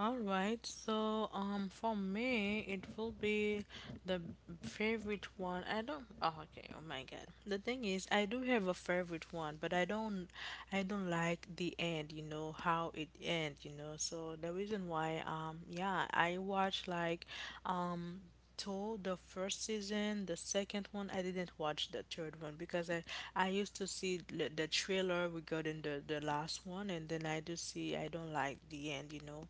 A: All right, so for me, it will be the favorite one. I don't. Oh, okay. Oh my God. The thing is, I do have a favorite one, but I don't. I don't like the end. You know how it ends. You know. So the reason why, yeah, I watch like, um, two the first season, the second one, I didn't watch the third one because I used to see the trailer regarding the last one, and then I do see I don't like the end, you know,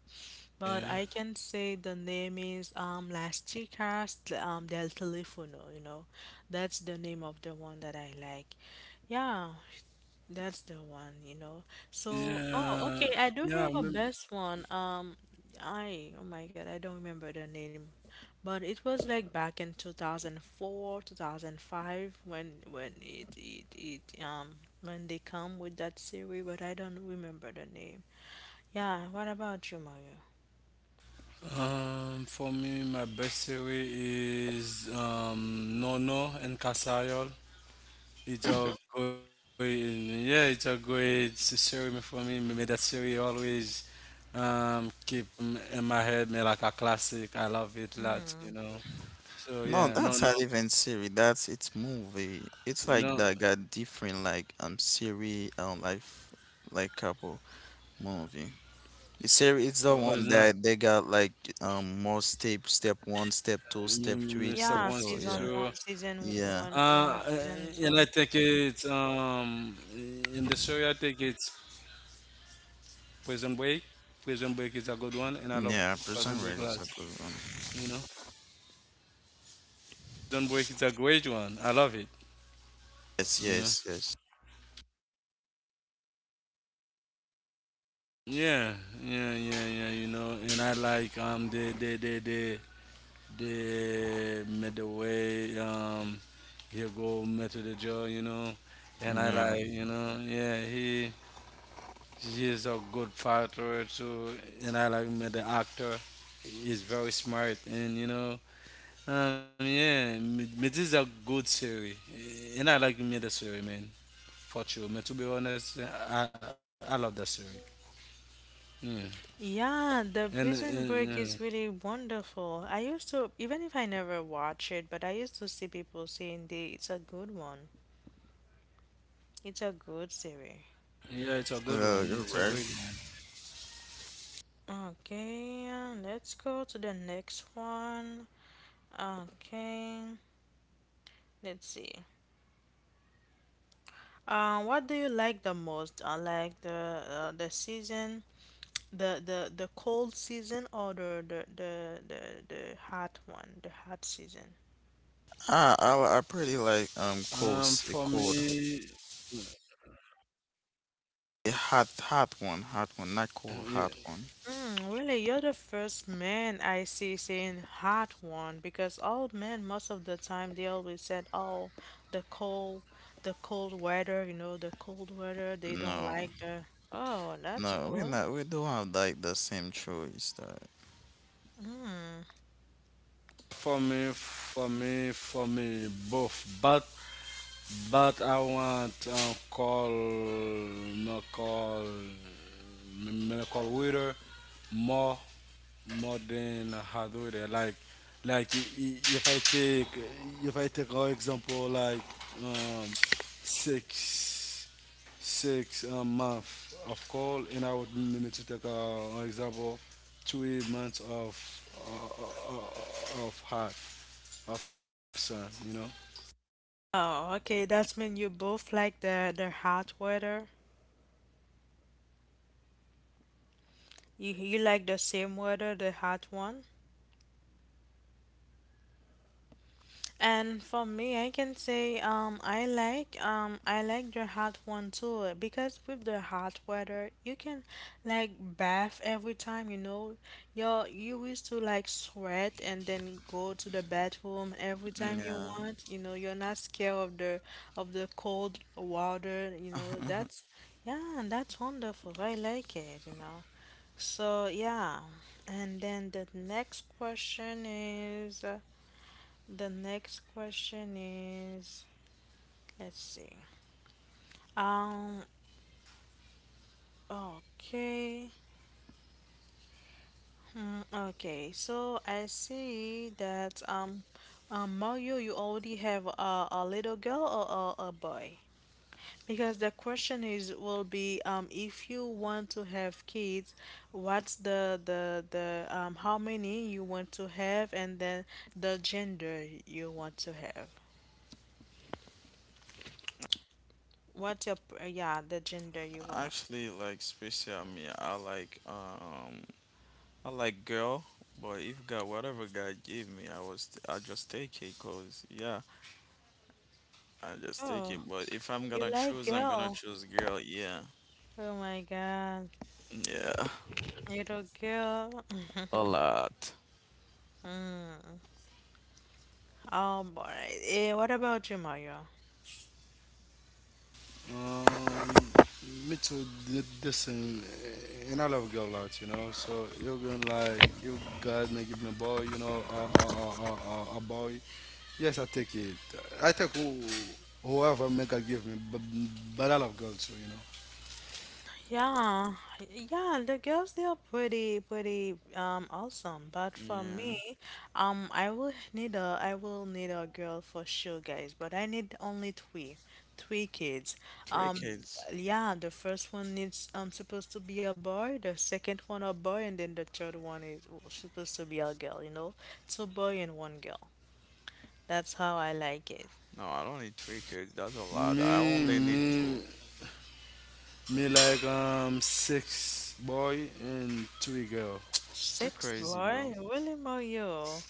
A: but
C: Yeah.
A: I can say the name is Las Chicas del Telefono, you know. That's the name of the one that I like. Yeah, that's the one, you know. So, oh, okay,
C: Yeah.
A: I do
C: yeah.
A: have a
C: mem-
A: best one. Oh my God, I don't remember the name. But it was like back in 2004, 2005 when it, it when they come with that series, but I don't remember the name. Yeah, what about you, Mario?
C: For me, my best series is Nono and Casayol. It's a great, yeah, it's a great series for me. That series always keep in my head, me like a classic. I love it lot, you know.
B: No,
C: So
B: that's not
C: yeah,
B: even
C: no, no,
B: series. That's it's movie. It's like that got
C: no,
B: different like series like couple movie. The series it's the
C: oh,
B: one that they got like more step one, step two, step three, step
A: Yeah,
C: Mr.
B: four. Yeah,
C: One
A: season one,
C: Six Two.
B: yeah,
A: yeah,
C: Uh,
A: season
C: and I
A: two.
C: think it's in the story. I think it's Prison Break. Prison Break is a good one, and I love
B: yeah. Prison
C: Prison
B: Break
C: Break a
B: is a
C: lot.
B: good one.
C: You know, Prison Break is a great one. I love it.
B: Yes,
C: You know.
B: yes, yes.
C: Yeah, yeah, yeah, yeah. You know, and I like the midway here go Metro the Joe. You know, and I
B: No,
C: like you know yeah he. He is a good fighter too, and I like him as the actor. He's very smart, and you know, yeah, this is a good series, and I like him as the series, man. For sure, man. To be honest, I love that series. Yeah,
A: Yeah, the
C: and,
A: Prison Break is
C: and
A: really wonderful. I used to, even if I never watch it, but I used to see people saying they it's a good one. It's a good series.
C: yeah, yeah, it's a good
B: you're
C: one. It's a
B: right.
C: great
A: Okay, let's go to the next one. Okay, let's see. What do you like the most? I like the season. The cold season or the hot one, the hot season?
B: Ah, I pretty
C: one.
B: like
C: For
B: cold
C: me,
B: a hot one, hot one, not
C: yeah,
B: cold, hot one.
A: Mm, really, you're the first man I see saying hot one because old men most of the time they always said, "Oh, the cold, the cold weather, you know, the cold weather, they don't
B: No,
A: like the." Oh, that's
B: no, we're
A: cool.
B: not. We don't have like the same choice. That
A: Mm.
C: for me, both. But I want Carl McCall call Witter more more than Hardwitter. Like if I take our example like um, six six month of call, and I would maybe to take an example 3 months uh, of hot of sun, you know.
A: Oh, okay, that's mean you both like the hot weather. You like the same weather, the hot one? And for me, I can say I like the hot one too because with the hot weather you can like bath every time, you know, you used to like sweat and then go to the bathroom every time you
B: yeah.
A: want, you know, you're not scared of the cold water, you know, that's yeah, and that's wonderful. I like it, you know. So yeah, and then the next question is. The next question is, let's see. Um, okay. Hmm, okay. So I see that Mario, you already have a little girl or a boy? Because the question is will be if you want to have kids, what's the how many you want to have, and then the gender you want to have. What's your p- yeah The gender you will have?
B: Actually, like special me, I like girl, but if God, whatever God gave me, I was I just take it, cause yeah, I just take
A: Oh.
B: it. But if I'm
A: You
B: gonna
A: like
B: choose, I'm gonna
A: girl.
B: choose girl. Yeah,
A: Oh my God.
B: yeah,
A: Little girl.
B: a lot.
A: Oh boy. Eh, what about you, Mario?
C: Um, Me too did this and I love girl a lot, you know. So you gonna like you God may give me a boy, you know, a boy. Yes, I take it. I take who, Whoever may God give me, but I love girls too, you
A: Yeah. Yeah, the girls they are pretty awesome. But for
B: Yeah,
A: me, I will need a I will need a girl for sure, guys, but I need only three. Three kids.
B: three
A: Um
B: kids.
A: yeah, the first one needs supposed to be a boy, the second one a boy, and then the third one is supposed to be a girl, you know? Two boy and one girl. That's how I like it.
B: No, I don't need three kids. That's a
C: know.
B: lot. I
C: Me,
B: only need
C: me,
B: two.
C: me like six boy and three girl.
B: You're
A: Six
B: crazy, bro.
A: boy? Willie Moyo.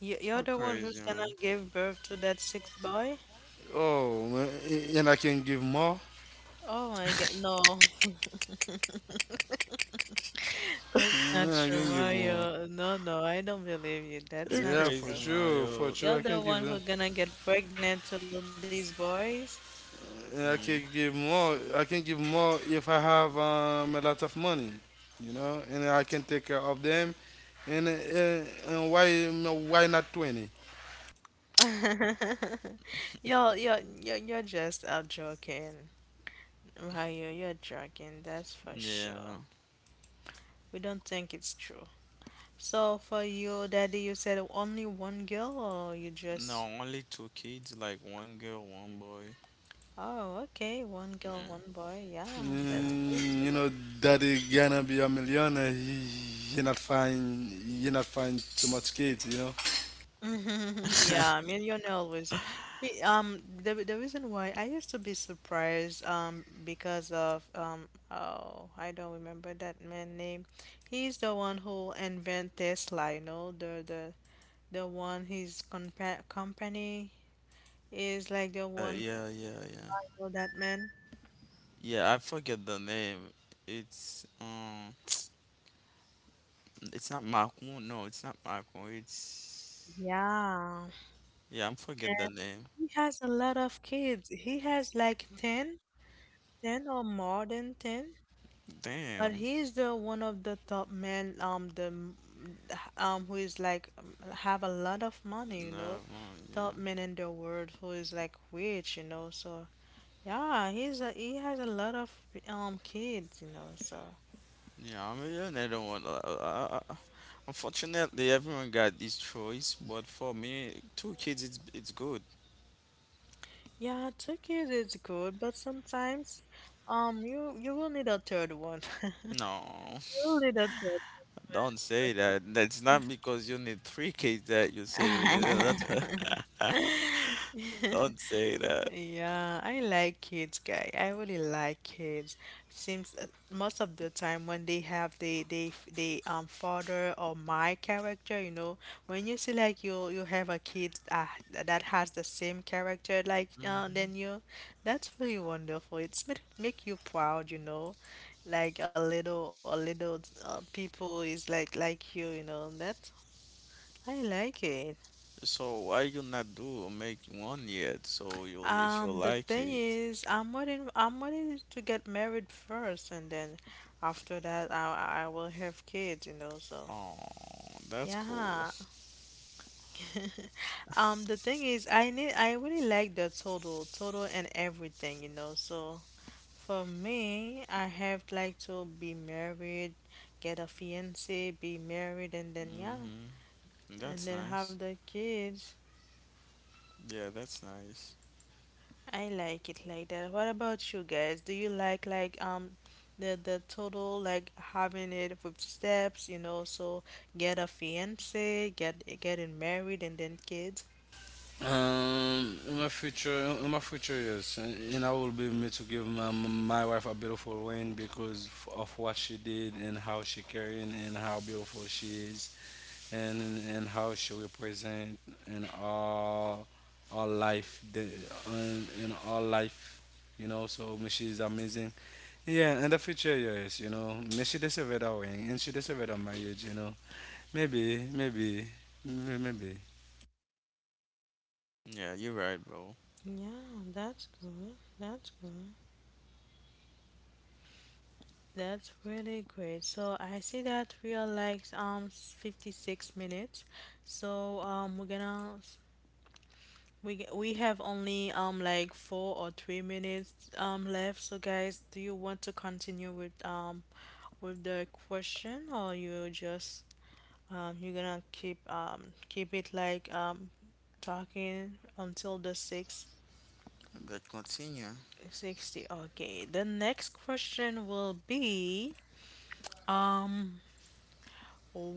A: You're
B: You're
A: the one
B: crazy,
A: who's gonna
B: man.
A: give birth to that six boy?
C: Oh, and I can give more.
A: Oh my God, no, that's not
C: Yeah, I
A: true,
C: can give more.
A: Mario. No, no, I don't believe you. That's
B: You're
A: not
C: Yeah,
B: crazy,
A: true.
C: for
B: Mario.
A: You're
C: sure, I
A: the
C: can give
A: one who's
C: them.
A: gonna get pregnant to these boys?
C: I can
B: Mm,
C: give more. I can give more if I have a lot of money, you know, and I can take care of them. And why not 20?
A: You're just out joking, Mario. You're joking, that's for
B: yeah.
A: sure. We don't think it's true. So for your daddy, you said only one girl, or you
B: No,
A: just,
B: only two kids, like one girl, one boy.
A: oh, okay, one girl,
B: Yeah.
A: one boy. Yeah, that's
B: Yeah.
A: good
C: Mm,
A: to
C: you
A: know.
C: know, daddy gonna be a millionaire. He not find too much kids, you know.
A: Yeah, I always. He, the reason why I used to be surprised, because of oh, I don't remember that man name. He's the one who invented Tesla, you know, the one his company is like the one,
B: Yeah. Yeah. Yeah.
A: you that man.
B: Yeah, I forget the name. It's um, it's not Macron. No, it's not Macron. It's
A: Yeah.
B: yeah, I'm forget the name.
A: He has a lot of kids. He has like 10, 10 or more than 10. But
B: Damn,
A: he's the one of the top men, who is like have a lot of money, you
B: another
A: know,
B: one.
A: top
B: Yeah,
A: men in the world who is like rich, you know. So yeah, he has a lot of kids, you know. So
B: yeah. I mean, yeah, another one. Unfortunately, everyone got this choice, but for me, two kids, it's good.
A: yeah, two kids is good, but sometimes you will need a third one.
B: No,
A: You will need a third one.
B: don't say that. That's not because you need three kids that you say we- Don't say that.
A: Yeah, I like kids, guy. I really like kids. Seems most of the time when they have the they f- they father or my character, you know, when you see like you have a kid that has the same character like
B: Mm-hmm.
A: than you, that's really wonderful. It's make you proud, you know, like a little people is like you know. That I like it.
B: So why you not do make one yet? So you'll if you
A: The
B: like
A: thing
B: it.
A: is, I'm waiting. I'm waiting to get married first, and then after that, I will have kids, you know. So
B: Oh, that's cool.
A: yeah. The thing is, I need. I really like the total, total, and everything, you know. So for me, I have like to be married, get a fiance, be married, and then yeah,
B: Mm-hmm.
A: and
B: That's
A: then have
B: nice.
A: the kids.
B: Yeah, that's nice.
A: I like it like that. What about you guys? Do you like the total like having it with steps, you know, so get a fiance, getting married and then kids?
C: In my future years, and I will be me to give my wife a beautiful ring because of what she did and how she carrying and how beautiful she is. and and how she represent in all life the in all life, you know, so Michi is amazing, yeah, in the future, yes, you know, Michi deserve that ring and she deserve that marriage, you know. Maybe, maybe.
B: Yeah, you're right, bro.
A: Yeah, that's good. That's good. That's really great. So I see that we are like 56 minutes. So we're gonna we g- we have only like four or three minutes left. So guys, do you want to continue with the question, or you just you're gonna keep it like talking until the six
B: But continue.
A: sixty? Okay. The next question will be um,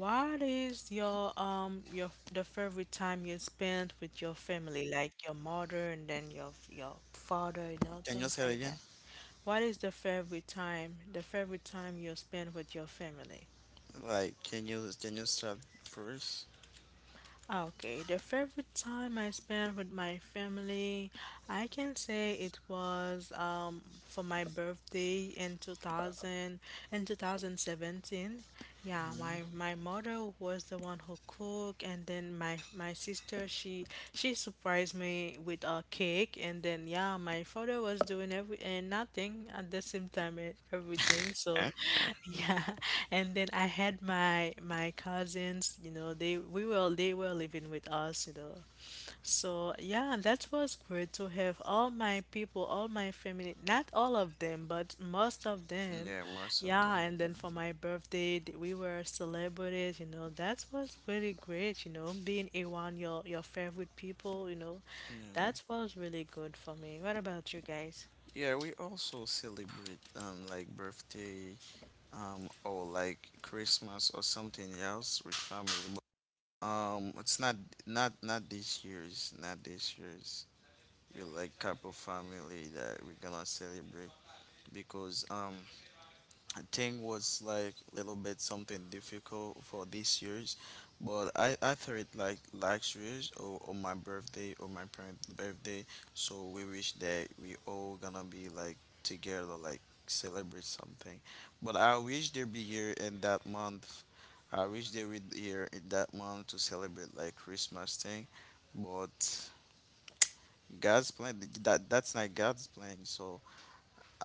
A: what is your the favorite time you spent with your family, like your mother and then your father, you know,
B: Can you
A: things
B: say it
A: like
B: again?
A: that. What is the favorite time you spend with your family?
B: Like, can you start first?
A: Ah, okay, the favorite time I spent with my family, I can say it was for my birthday in 2017. Yeah,
B: Mm-hmm.
A: my mother was the one who cooked, and then my sister, she surprised me with a cake. And then yeah, my father was doing every and nothing at the same time and everything, so
B: Eh?
A: yeah, and then I had my my cousins, you know, they were living with us, you know, so yeah, that was great to have all my people, all my family, not all of them, but most of them.
B: Yeah, most of them.
A: Yeah, and
B: Yeah.
A: then for my birthday, we were celebrated, you know. That was really great, you know, being around your favorite people, you know.
B: Yeah.
A: That was really good for me. What about you guys?
B: Yeah, we also celebrate like birthday or like Christmas or something else with family. It's not this year's, not this year's. We like couple family that we're gonna celebrate because I think was like a little bit something difficult for this year's, but I thought it like last year's or my birthday or my parents' birthday. So we wish that we all gonna be like together, like celebrate something. But I wish they be here in that month. I wish they would be here in that month to celebrate like Christmas thing, but God's plan that that's not God's plan. So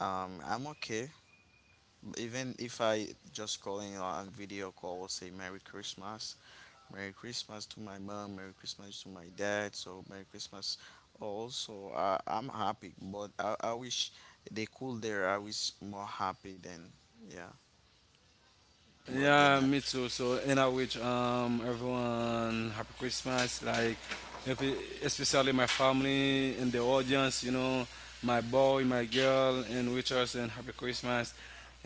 B: I'm okay even if I just calling on video call, say Merry Christmas, Merry Christmas to my mom, Merry Christmas to my dad, so Merry Christmas. Also, I'm happy, but I wish they cool there. I was more happy than yeah,
C: Yeah,
B: but
C: me
B: then I,
C: too. And I wish everyone happy Christmas. Happy- Especially my family and the audience. You know, my boy, my girl, and wish us and happy Christmas.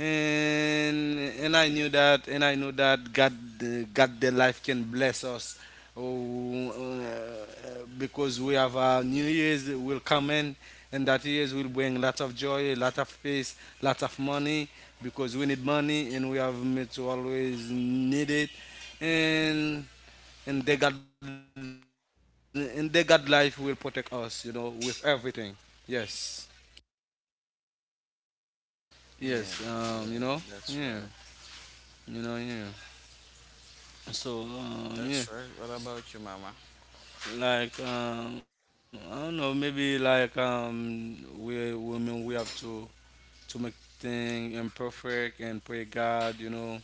C: And I know that God, God, the life can bless us. Oh, because we have a New Year's will come in, and that years will bring lots of joy, lot of peace, lots of money because we need money and we have mates who always need it, and and the god life will protect us, you know, with everything. Yes,
B: yeah,
C: yes,
B: yeah,
C: you
B: that's
C: know,
B: right,
C: yeah, you know, yeah,
B: that's
C: yeah.
B: right. What about you, Mama?
C: I don't know, maybe, we women we have to make things imperfect and pray god, you know,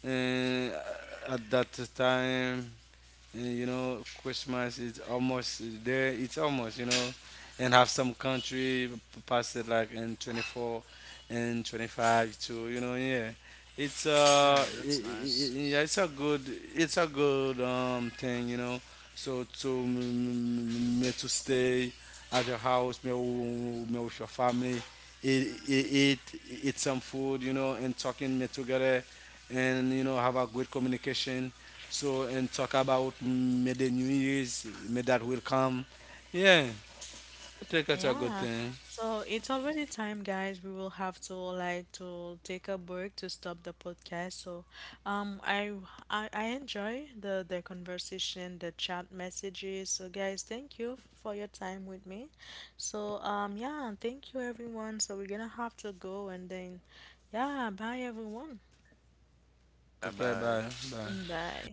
C: and at that time. And, you know, Christmas is almost there. It's almost, you know, and have some country pass it like in 24 and 25 too. You know, yeah. It's
B: Yeah, that's nice.
C: I- Yeah, it's a good thing, you know. So to me to stay at your house, me, me with your family, eat, eat, eat some food, you know, and talking me together, and you know, have a great communication. So and talk about may the new years may that will come. Yeah, I think that's a good
A: Yeah,
C: thing.
A: so it's already time, guys. We will have to like to take a break to stop the podcast. So, um, I I enjoy the conversation, the chat messages. So, guys, thank you for your time with me. So, yeah, thank you everyone. So we're gonna have to go, and then yeah, bye everyone.
C: Okay,
B: Bye
C: bye,
B: bye.
C: bye.
A: Bye.